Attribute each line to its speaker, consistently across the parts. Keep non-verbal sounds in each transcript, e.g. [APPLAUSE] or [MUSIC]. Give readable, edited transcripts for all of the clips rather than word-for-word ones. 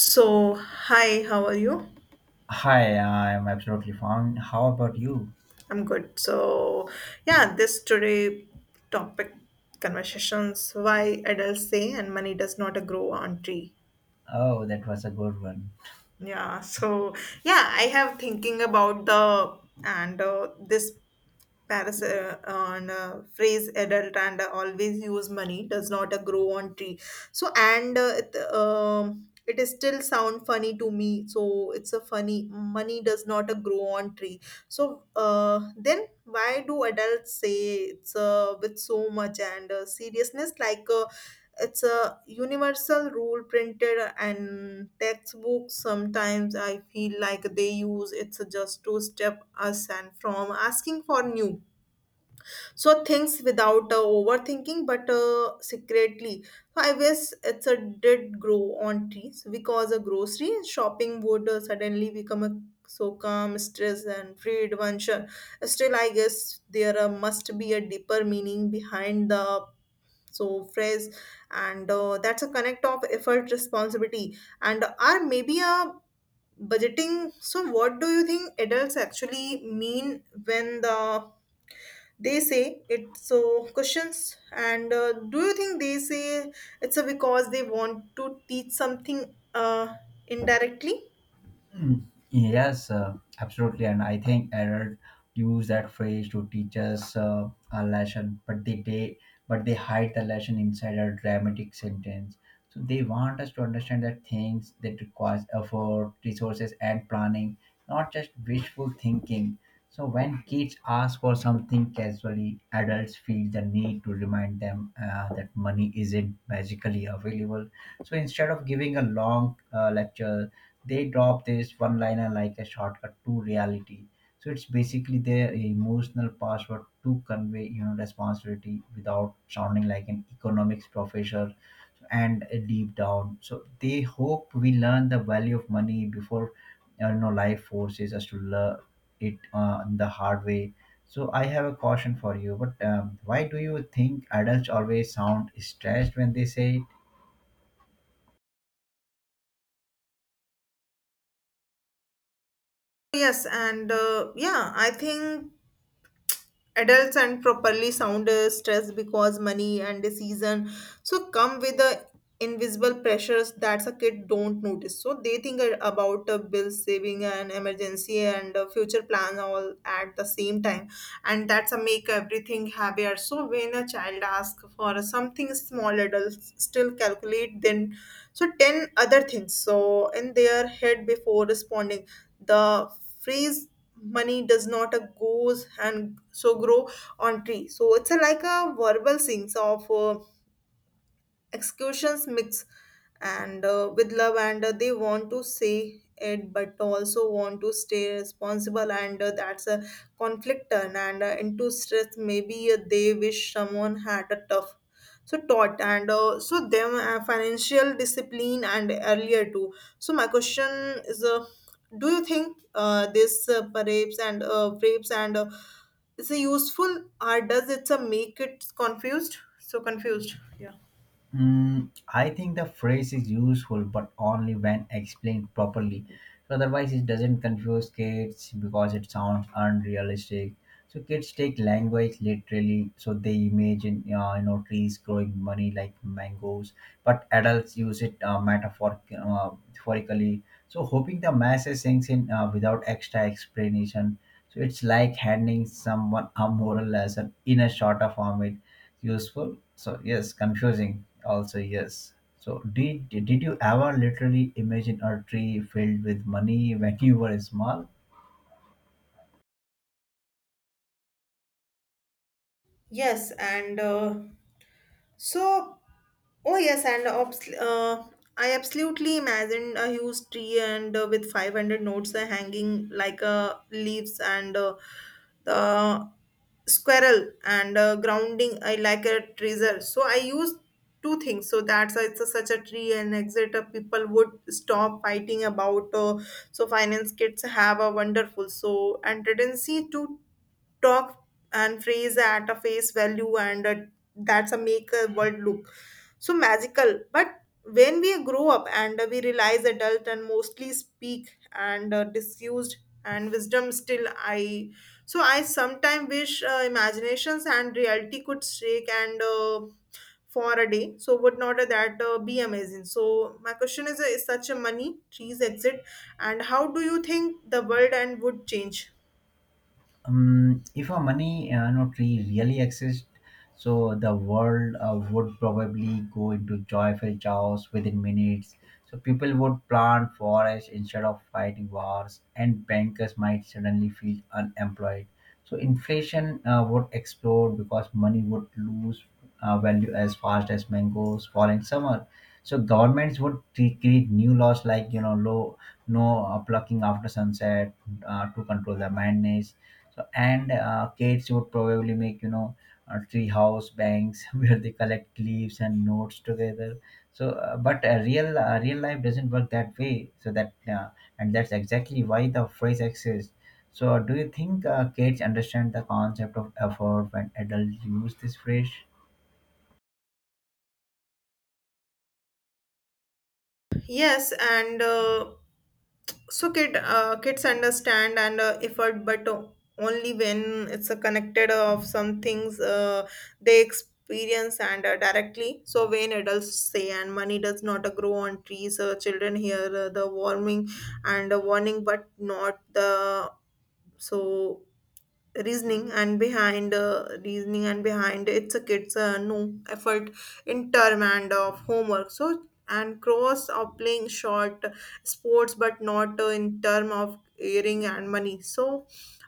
Speaker 1: So, hi, how are you?
Speaker 2: Hi, I'm absolutely fine. How about you?
Speaker 1: I'm good. This today topic conversations why adults say and money does not grow on tree.
Speaker 2: Oh, that was a good one.
Speaker 1: Yeah, so yeah, I have thinking about the and this Paris on phrase adult and always use money does not grow on tree. It is still sound funny to me. So it's a funny money does not grow on tree. Then why do adults say it's with so much and seriousness like it's a universal rule printed and textbooks. Sometimes I feel like they use it's just to step us and from asking for new things without overthinking but secretly. So I guess it's a did grow on trees because a grocery shopping would suddenly become a calm stress and free adventure. Still I guess there must be a deeper meaning behind the phrase, and that's a connect of effort responsibility and are maybe a budgeting. So what do you think adults actually mean when they say it, so questions and do you think they say it's a because they want to teach something indirectly?
Speaker 2: Mm, yes, absolutely. And I think Error use that phrase to teach us a lesson, but they but they hide the lesson inside a dramatic sentence. So they want us to understand that things that requires effort, resources, and planning, not just wishful thinking. So when kids ask for something casually, adults feel the need to remind them that money isn't magically available. So instead of giving a long lecture, they drop this one liner like a shortcut to reality. So it's basically their emotional password to convey, you know, responsibility without sounding like an economics professor. And deep down, so they hope we learn the value of money before you know, life forces us to learn it the hard way. So I have a caution for you, but why do you think adults always sound stressed when they say?
Speaker 1: Yes and yeah I think adults and properly sound stress because money and the season come with the invisible pressures that a kid don't notice. So they think about bill saving and emergency and future plan all at the same time, and that's a make everything heavier. So when a child asks for something small adults still calculate then 10 other things in their head before responding. The phrase money does not a goes and so grow on tree, so it's a like a verbal things of excursions mix and with love and they want to say it but also want to stay responsible, and that's a conflict turn and into stress. Maybe they wish someone had a tough taught and so them financial discipline and earlier too. So my question is do you think this rapes and is a useful, or does it make it confused, so confused? Yeah.
Speaker 2: Mm, I think the phrase is useful, but only when explained properly. So otherwise, it doesn't confuse kids because it sounds unrealistic. So kids take language literally, so they imagine, you know, trees growing money like mangoes, but adults use it metaphorically. So hoping the message sinks in without extra explanation. So it's like handing someone a moral lesson in a shorter format. Useful, so yes. Confusing, also yes. So did you ever literally imagine a tree filled with money when you were small?
Speaker 1: Yes, and so, oh yes, and obs- I absolutely imagined a huge tree and with 500 notes hanging like leaves and the squirrel and grounding I like a treasure. So I used two things. So that's why it's a such a tree and exit. People would stop fighting about. Finance kits have a wonderful so and tendency to talk and phrase at a face value, and that's a make a world look magical. But when we grow up and we realize adult and mostly speak and disused and wisdom. Still I sometimes wish imaginations and reality could shake and for a day. So would not that be amazing? So my question is such a money trees exit, and how do you think the world and would change?
Speaker 2: If our money lottery really exists, so the world would probably go into joyful chaos within minutes. So people would plant forests instead of fighting wars, and bankers might suddenly feel unemployed. So inflation would explode because money would lose value as fast as mangoes fall in summer. So governments would create new laws like, you know, low no plucking after sunset to control the madness. So, and kids would probably make, you know, tree house banks [LAUGHS] where they collect leaves and notes together. So, but real life doesn't work that way. So that's exactly why the phrase exists. So, do you think kids understand the concept of effort when adults use this phrase?
Speaker 1: Yes, kids understand and effort, but only when it's a connected of some things they experience and directly. So when adults say and money does not grow on trees, children hear the warming and warning, but not the so reasoning and behind it's a kid's no effort in term and of homework, so and cross of playing short sports but not in term of earning and money. So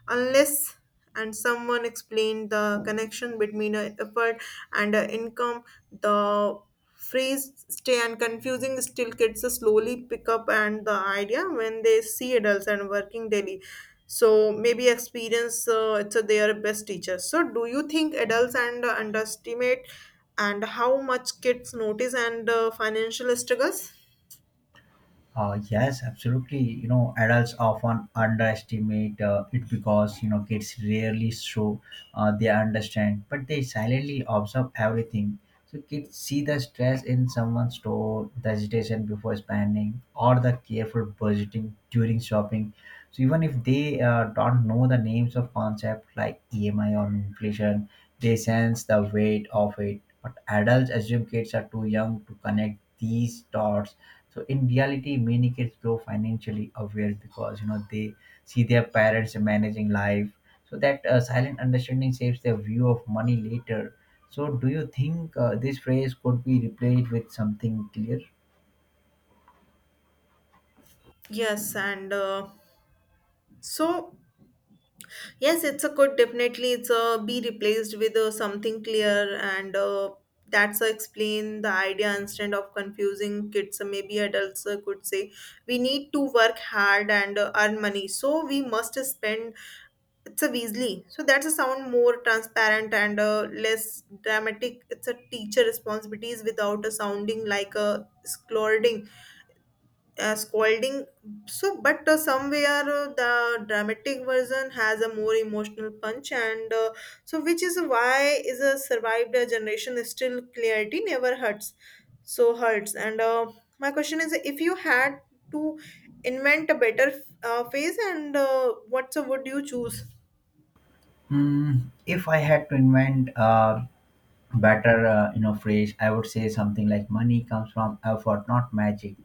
Speaker 1: unless and someone explained the connection between effort and income, the phrase stay and confusing. Still kids slowly pick up and the idea when they see adults and working daily. So maybe experience it's a their best teacher. So do you think adults and underestimate and how much kids notice and financial struggles?
Speaker 2: Yes, absolutely. You know, adults often underestimate it because, you know, kids rarely show they understand, but they silently observe everything. So kids see the stress in someone's store, the hesitation before spending, or the careful budgeting during shopping. So even if they don't know the names of concepts like EMI or inflation, they sense the weight of it. But adults assume kids are too young to connect these dots. So in reality, many kids grow financially aware because, you know, they see their parents managing life. So that silent understanding shapes their view of money later. So do you think this phrase could be replaced with something clear?
Speaker 1: Yes and so yes, it's a good definitely it's a be replaced with something clear, and that's a explain the idea instead of confusing kids. Maybe adults could say we need to work hard and earn money, so we must spend. It's a Weasley. So that's a sound more transparent and less dramatic. It's a teacher responsibilities without a sounding like a scolding. So but somewhere the dramatic version has a more emotional punch, and so which is why is a survived a generation. Is still clarity never hurts. And My question is, if you had to invent a better phase, and what so would you choose?
Speaker 2: Hmm, if I had to invent better, you know, phrase, I would say something like money comes from effort, not magic.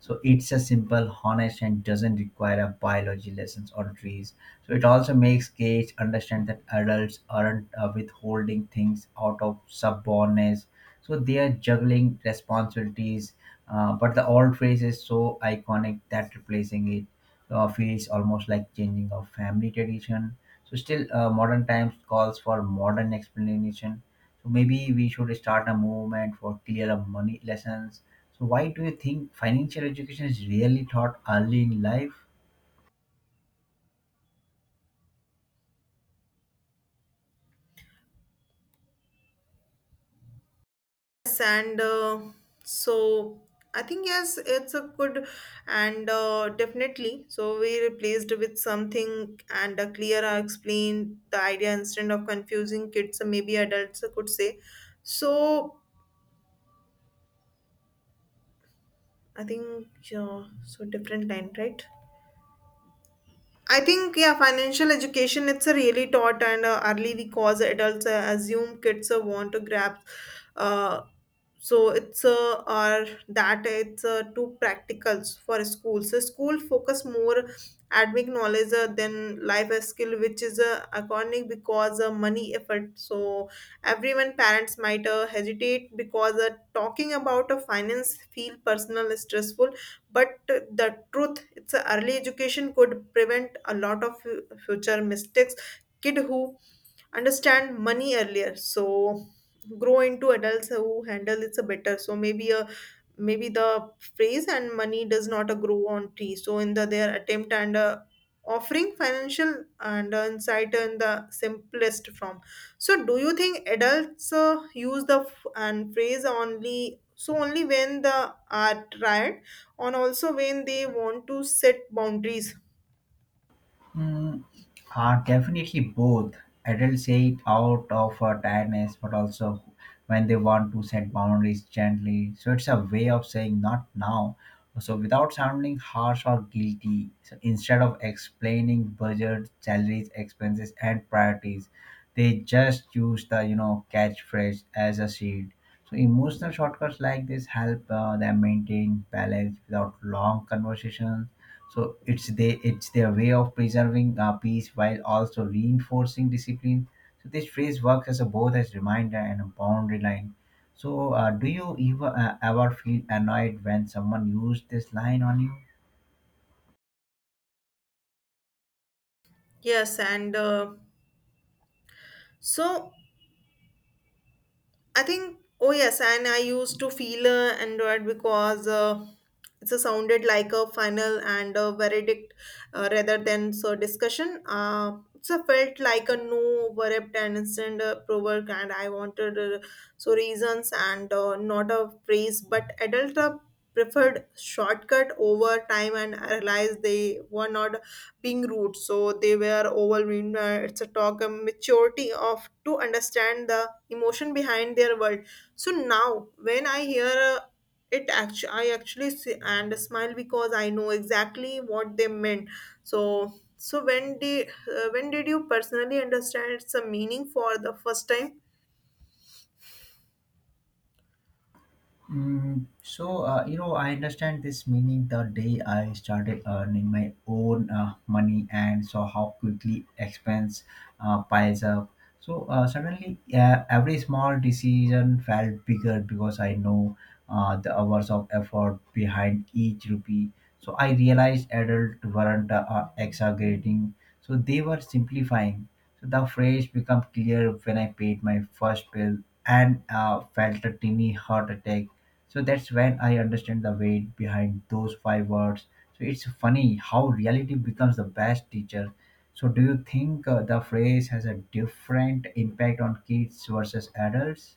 Speaker 2: So it's a simple, honest, and doesn't require a biology lessons or trees. So it also makes gage understand that adults aren't withholding things out of stubbornness, so they are juggling responsibilities. Uh, But the old phrase is so iconic that replacing it feels almost like changing a family tradition. So still, modern times calls for modern explanation. So maybe we should start a movement for clear up money lessons. So why do you think financial education is really taught early in life?
Speaker 1: Yes, and so I think yes, it's a good and definitely. So we replaced with something and a clear. Uh, explained the idea instead of confusing kids, or maybe adults I could say. So I think yeah, so different line, right? I think yeah, financial education it's a really taught and early cause adults assume kids want to grab, uh, so it's or that it's too practical for schools. So school focus more academic knowledge than life skill, which is iconic because money effort. So everyone parents might hesitate because talking about finance feel personal stressful, but the truth, it's a early education could prevent a lot of future mistakes. Kid who understand money earlier, so grow into adults who handle it's a better. So maybe the phrase and money does not grow on trees so in the their attempt and offering financial and insight in the simplest form. So do you think adults use the f- and phrase only when the are tried, and also when they want to set boundaries?
Speaker 2: Mm, are definitely both. Adults say it out of tiredness, but also when they want to set boundaries gently. So it's a way of saying not now. So without sounding harsh or guilty, so instead of explaining budget, salaries, expenses, and priorities, they just use the, you know, catchphrase as a shield. So emotional shortcuts like this help them maintain balance without long conversations. So it's their way of preserving peace while also reinforcing discipline. So this phrase works as a both as reminder and a boundary line. So do you ever feel annoyed when someone used this line on you?
Speaker 1: Yes and so I think, oh yes, and I used to feel annoyed because it sounded like a final and a verdict rather than so discussion. Felt like a no verdict and instant provoke, and I wanted reasons and not a praise. But adult preferred shortcut over time, and I realized they were not being rude, so they were overwhelmed. It's a talk of maturity of to understand the emotion behind their world. So now when I hear it actually I actually see and smile because I know exactly what they meant. So so when did uh, when did you personally understand some meaning for the first time?
Speaker 2: Mm, so you know, I understand this meaning the day I started earning my own money and saw how quickly expense piles up. So suddenly, every small decision felt bigger because I know the hours of effort behind each rupee. So I realized adults weren't exaggerating; so they were simplifying. So the phrase became clear when I paid my first bill and felt a tiny heart attack. So that's when I understand the weight behind those five words. So it's funny how reality becomes the best teacher. So do you think the phrase has a different impact on kids versus adults?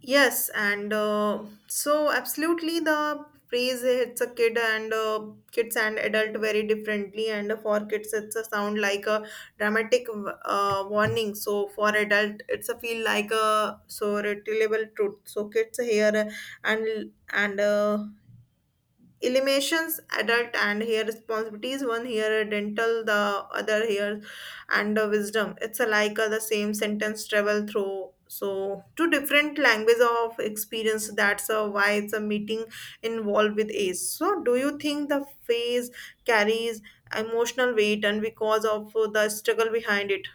Speaker 1: Yes, and so absolutely the phrase hits a kid and kids and adult very differently. And for kids, it's a sound like a dramatic warning. So for adult, it's a feel like a so relatable truth. So kids hear and eliminations adult and here responsibilities. One here dental, the other here and wisdom. It's a like the same sentence travel through so two different languages of experience. That's why it's a meeting involved with age. So do you think the phase carries emotional weight and because of the struggle behind it?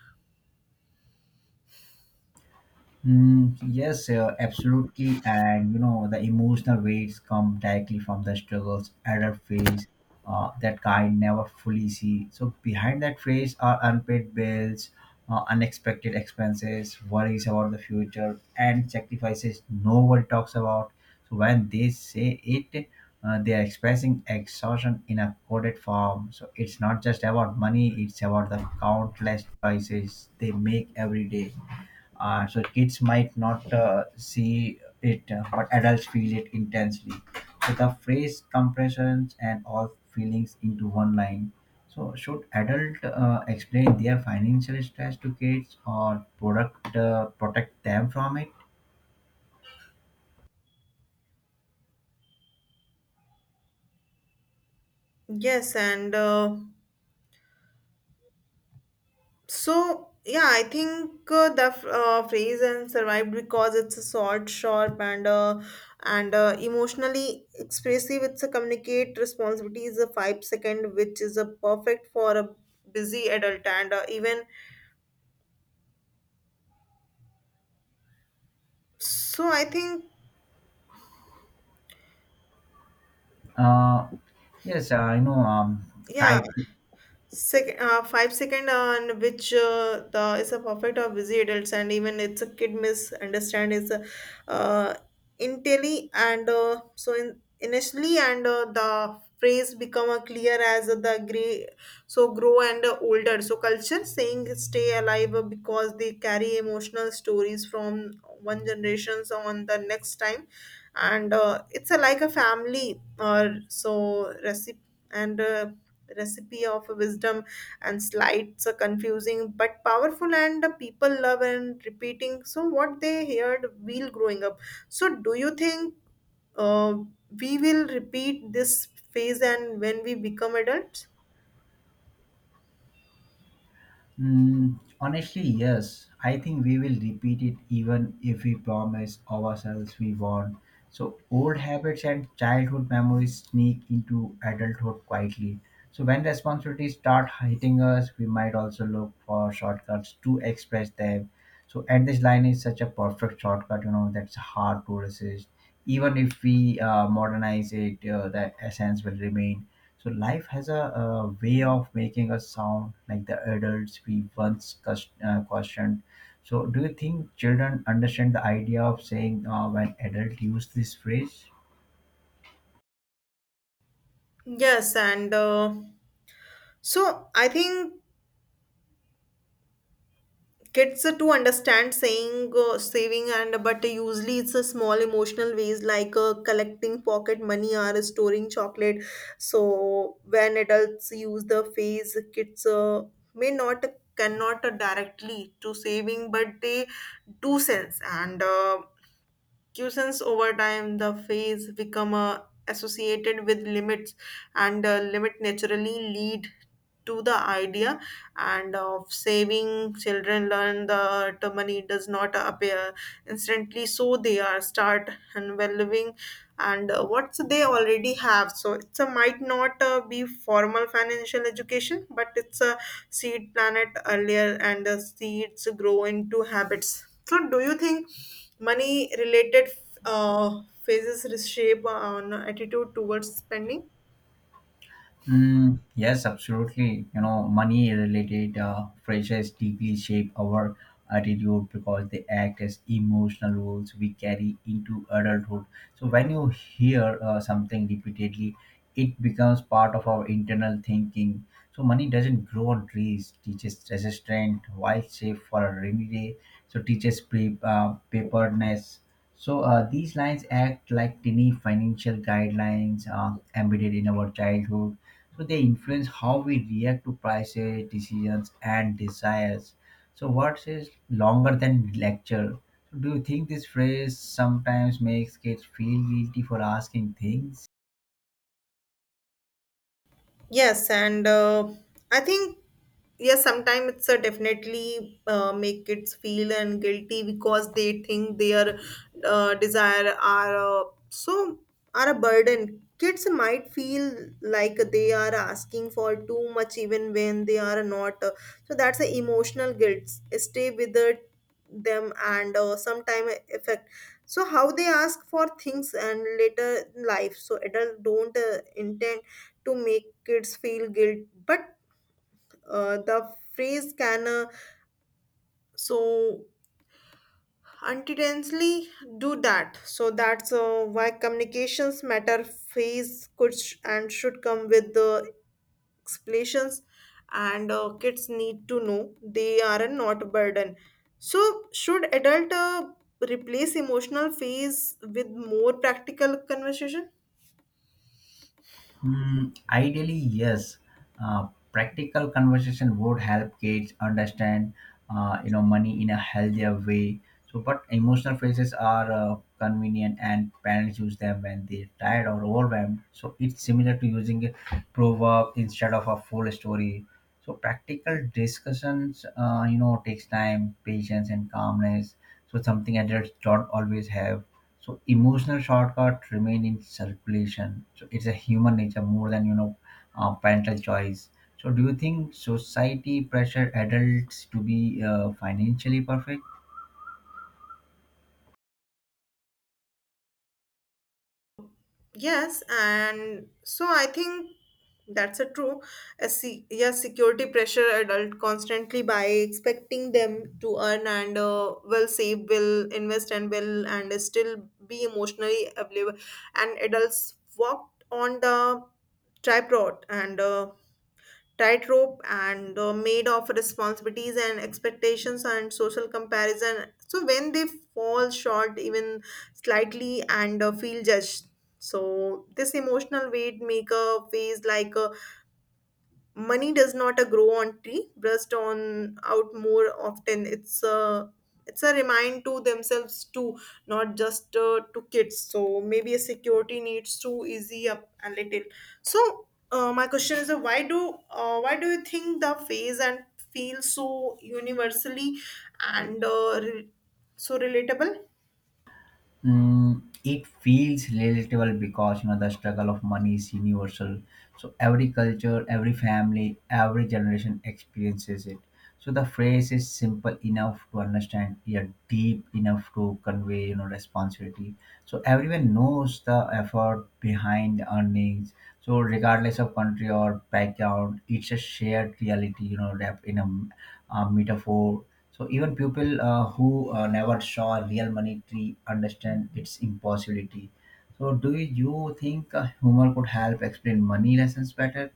Speaker 2: Mm, yes, absolutely. And you know, the emotional weights come directly from the struggles adult face that kind never fully see. So behind that face are unpaid bills, unexpected expenses, worries about the future, and sacrifices nobody talks about. So when they say it, they are expressing exhaustion in a coded form. So it's not just about money; it's about the countless choices they make every day. So kids might not see it, but adults feel it intensely. So the phrase compressions and all feelings into one line. So should adult explain their financial stress to kids or product protect them from it?
Speaker 1: Yes and So, yeah, I think the phrase and survived because it's a short, sharp, and emotionally expressive. It's a communicate responsibility is a five second, which is a perfect for a busy adult and even. So, I think,
Speaker 2: Uh, yes, I know.
Speaker 1: yeah.
Speaker 2: Kite.
Speaker 1: Second, 5 second on which the is a perfect or busy adults and even it's a kid misunderstand is a uh, intelly and so in initially and the phrase become a clear as the gray so grow and older. So culture saying stay alive because they carry emotional stories from one generations on the next time, and it's a, like a family or so recipe and recipe of wisdom, and slights are confusing but powerful and the people love and repeating so what they heard while growing up. So do you think uh, we will repeat this phase and when we become adults?
Speaker 2: Mm, honestly, yes. I think we will repeat it even if we promise ourselves we won't. So, old habits and childhood memories sneak into adulthood quietly. So, when responsibilities start hitting us, we might also look for shortcuts to express them. So, and this line is such a perfect shortcut, you know, that's hard to resist even if we modernize it. Uh, The essence will remain. So life has a, uh, way of making us sound like the adults we once questioned. So do you think children understand the idea of saying when adults use this phrase?
Speaker 1: Yes, and so I think kids to understand saying saving and but usually it's a small emotional ways like collecting pocket money or storing chocolate. So when adults use the phrase kids may not cannot directly to saving but they do sense and sense over time the phase become associated with limits and limit naturally lead to the idea and of saving. Children learn that money does not appear instantly so they are start unvaluing and what they already have. So it's a might not be formal financial education but it's a seed planet earlier and the seeds grow into habits. So do you think money related phases reshape on attitude towards spending?
Speaker 2: Mm, yes, absolutely. You know, money related pressures deeply shape our attitude because they act as emotional rules we carry into adulthood. So, when you hear something repeatedly, it becomes part of our internal thinking. So, money doesn't grow on trees, teaches resistance, wild shape for a rainy day, so teaches preparedness. So these lines act like tiny financial guidelines embedded in our childhood. So they influence how we react to prices, decisions, and desires. So what is longer than lecture. So, do you think this phrase sometimes makes kids feel guilty for asking things?
Speaker 1: Yes, and I think, yes, sometimes it's a definitely make kids feel and guilty because they think their desire are uh, so are a burden. Kids might feel like they are asking for too much even when they are not. So that's the emotional guilt. Stay with the, them and sometime affect. So how they ask for things and later in life. So adult don't intend to make kids feel guilt, but the phrase can so unintentionally do that. So that's why communications matter. Phase could sh- and should come with the explanations, and kids need to know they are not a burden. So should adult replace emotional phase with more practical conversation?
Speaker 2: Hmm. Ideally, yes. Practical conversation would help kids understand, you know, money in a healthier way. So, but emotional phrases are convenient, and parents use them when they're tired or overwhelmed. So, it's similar to using a proverb instead of a full story. So, practical discussions, you know, takes time, patience, and calmness. So, something adults don't always have. So emotional shortcuts remain in circulation. So it's a human nature more than, you know, parental choice. So do you think society pressure adults to be financially perfect?
Speaker 1: Yes, and so I think that's a true. Yes, security pressure adult constantly by expecting them to earn and will save, will invest, and will and still be emotionally available. And adults walked on the tripod and tightrope and made of responsibilities and expectations and social comparison so when they fall short even slightly and feel judged. So this emotional weight make maker phase like a money does not grow on tree burst on out more often. It's a remind to themselves too, not just to kids, so maybe a security needs to easy up a little. So my question is why do you think the phase and feel so universally and uh, re- so relatable?
Speaker 2: Mm, it feels relatable because, you know, the struggle of money is universal. So every culture, every family, every generation experiences it. So the phrase is simple enough to understand, yet deep enough to convey, you know, responsibility. So everyone knows the effort behind earnings. So regardless of country or background, it's a shared reality, you know, wrapped in a, a metaphor. So even people who never saw a real money tree understand its impossibility. So do you think humor could help explain money lessons better?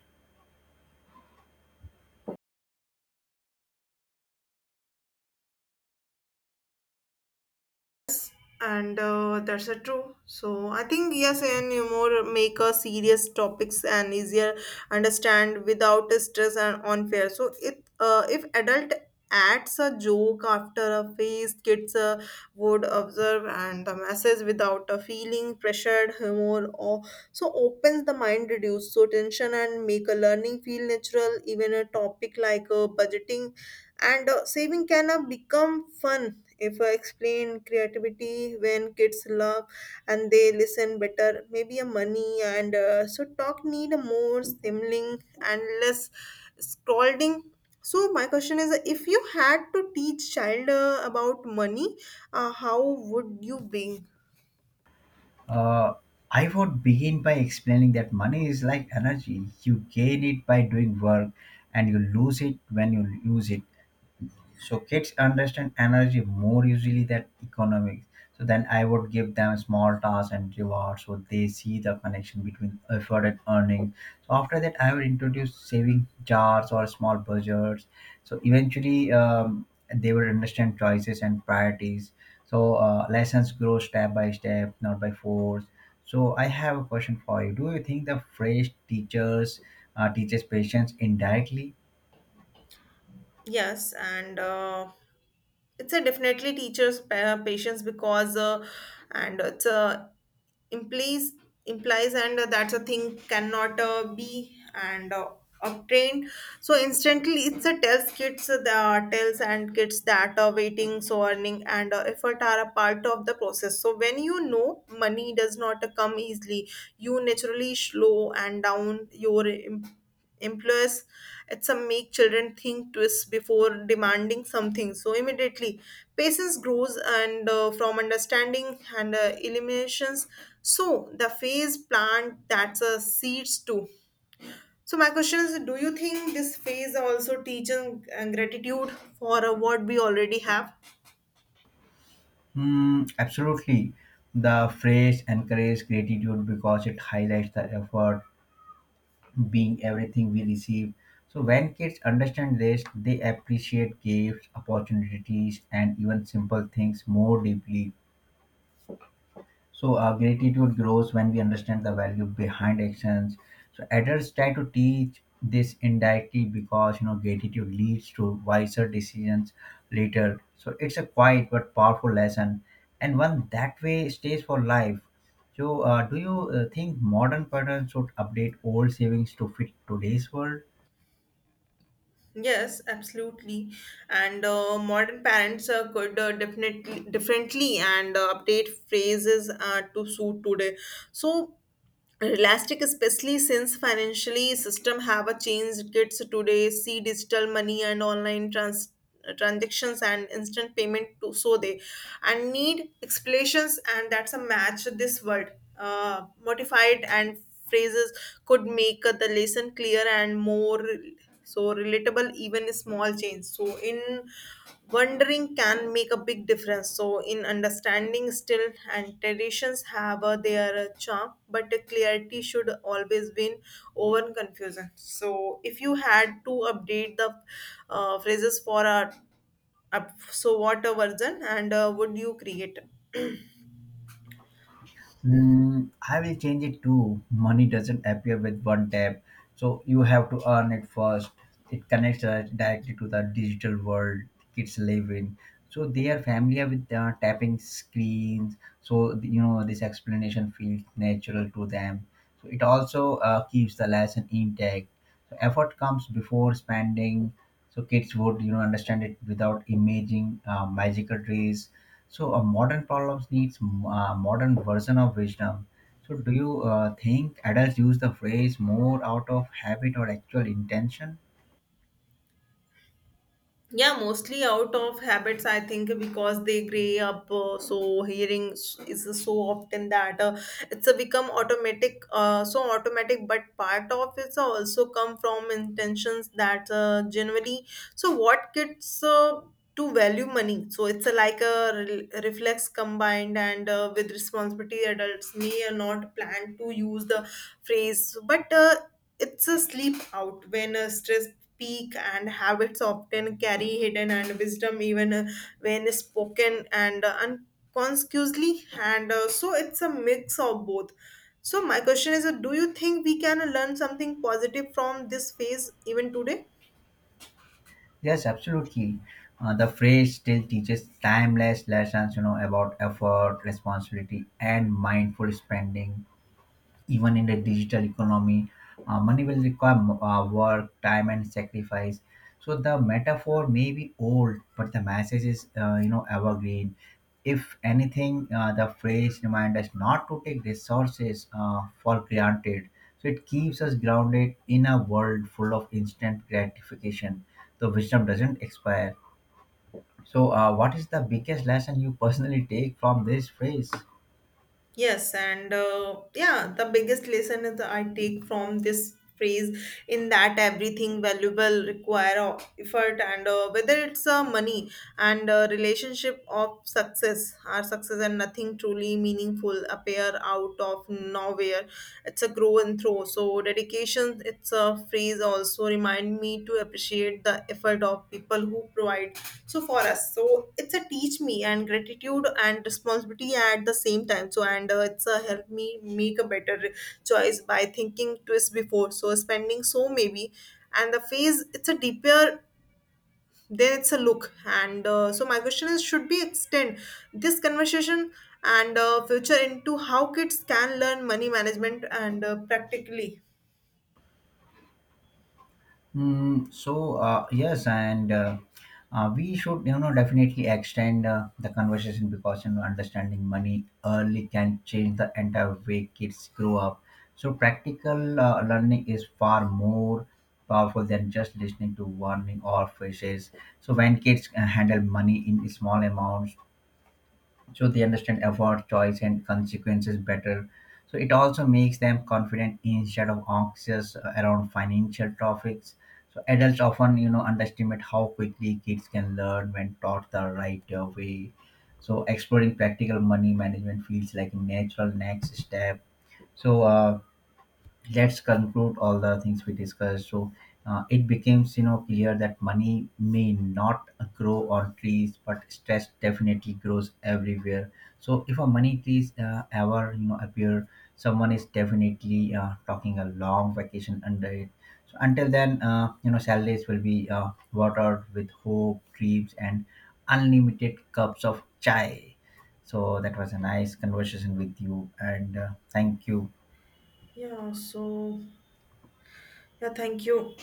Speaker 1: And That's a true, so I think yes, and you more make a serious topics and easier understand without stress and unfair. So it if adult adds a joke after a phase kids would observe and the message without a feeling pressured humor or so opens the mind reduce so tension and make a learning feel natural. Even a topic like budgeting and saving can become fun if I explain creativity when kids love and they listen better, maybe a money and so talk need a more stimulating and less scolding. So my question is, if you had to teach child about money, how would you bring?
Speaker 2: Uh, I would begin by explaining that money is like energy. You gain it by doing work and you lose it when you use it. So kids understand energy more usually than economics. So then I would give them small tasks and rewards so they see the connection between effort and earning. So after that I would introduce saving jars or small budgets. So eventually, they will understand choices and priorities. So lessons grow step by step, not by force. So I have a question for you: do you think the phrase teachers teaches patience indirectly?
Speaker 1: Yes, and it's a definitely teacher's patience because and it's a implies implies and that's a thing cannot be and obtained so instantly. It's a tells kids the tells and kids that waiting so earning and effort are a part of the process. So when you know money does not come easily you naturally slow and down your employers at some make children think twice before demanding something so immediately patience grows and from understanding and eliminations. So the phase plant that's a seeds too. So my question is, do you think this phase also teaches gratitude for what we already have?
Speaker 2: Hmm. Absolutely. The phrase encourages gratitude because it highlights the effort being everything we receive. So when kids understand this, they appreciate gifts, opportunities, and even simple things more deeply. So gratitude grows when we understand the value behind actions. So adults try to teach this indirectly because, you know, gratitude leads to wiser decisions later. So it's a quiet but powerful lesson, and one that way stays for life. So do you think modern parents should update old savings to fit today's world?
Speaker 1: Yes, absolutely. And Modern parents could definitely differently and update phrases to suit today. So Elastic, especially since financially system have a changed kids today see digital money and online transactions and instant payment to so they and need explanations and that's a match this word modified and phrases could make the lesson clear and more so relatable, even small change. So in wondering can make a big difference. So in understanding still and traditions have their charm, but the clarity should always win over confusion. So if you had to update the phrases for a up, so what a version and would you create?
Speaker 2: Mm, I will change it to money doesn't appear with one tap. So you have to earn it first. It connects us directly to the digital world kids live in. So they are familiar with tapping screens. So, you know, this explanation feels natural to them. So it also keeps the lesson intact. So effort comes before spending. So kids would, you know, understand it without imaging magical trees. So, modern problems needs a modern version of wisdom. So, do you think adults use the phrase more out of habit or actual intention?
Speaker 1: Yeah, mostly out of habits, I think, because they grey up. So hearing is so often that it's a become automatic, automatic. But part of it's also come from intentions that generally. So what kids to value money? So it's a, like a reflex combined and with responsibility. Adults may or not plan to use the phrase, but. It's a sleep out when stress speak and habits often carry hidden and wisdom even when spoken and unconsciously and so it's a mix of both. So my question is, do you think we can learn something positive from this phase even today?
Speaker 2: Yes, absolutely. The phrase still teaches timeless lessons, you know, about effort, responsibility, and mindful spending, even in the digital economy. Uh, money will require work, time, and sacrifice. So the metaphor may be old, but the message is, you know, evergreen. If anything, the phrase reminds us not to take resources for granted. So it keeps us grounded in a world full of instant gratification. The wisdom doesn't expire. So what is the biggest lesson you personally take from this phrase?
Speaker 1: Yes, and yeah, the biggest lesson is I take from this phrase in that everything valuable require of effort and whether it's money and relationship of success our success and nothing truly meaningful appear out of nowhere. It's a grow and throw so vacation it's a phrase also remind me to appreciate the effort of people who provide so for us so it's a teach me and gratitude and responsibility at the same time. So and it's a help me make a better choice by thinking twice before so spending so maybe and the phase it's a deeper then it's a look and so my question is, should we extend this conversation and future into how kids can learn money management and practically?
Speaker 2: Mm, so yes, and we should, you know, definitely extend the conversation because, you know, understanding money early can change the entire way kids grow up. So practical learning is far more powerful than just listening to warning or phrases. So when kids handle money in small amounts, so they understand effort, choice, and consequences better. So it also makes them confident instead of anxious around financial topics. So adults often, you know, underestimate how quickly kids can learn when taught the right way. So exploring practical money management feels like a natural next step. So let's conclude all the things we discussed. So it becomes, you know, clear that money may not grow on trees, but stress definitely grows everywhere. So if a money trees ever, you know, appear, someone is definitely talking a long vacation under it. So until then, you know, salaries will be watered with hope, dreams, and unlimited cups of chai. So that was a nice conversation with you, and thank you.
Speaker 1: Yeah, so yeah, thank you.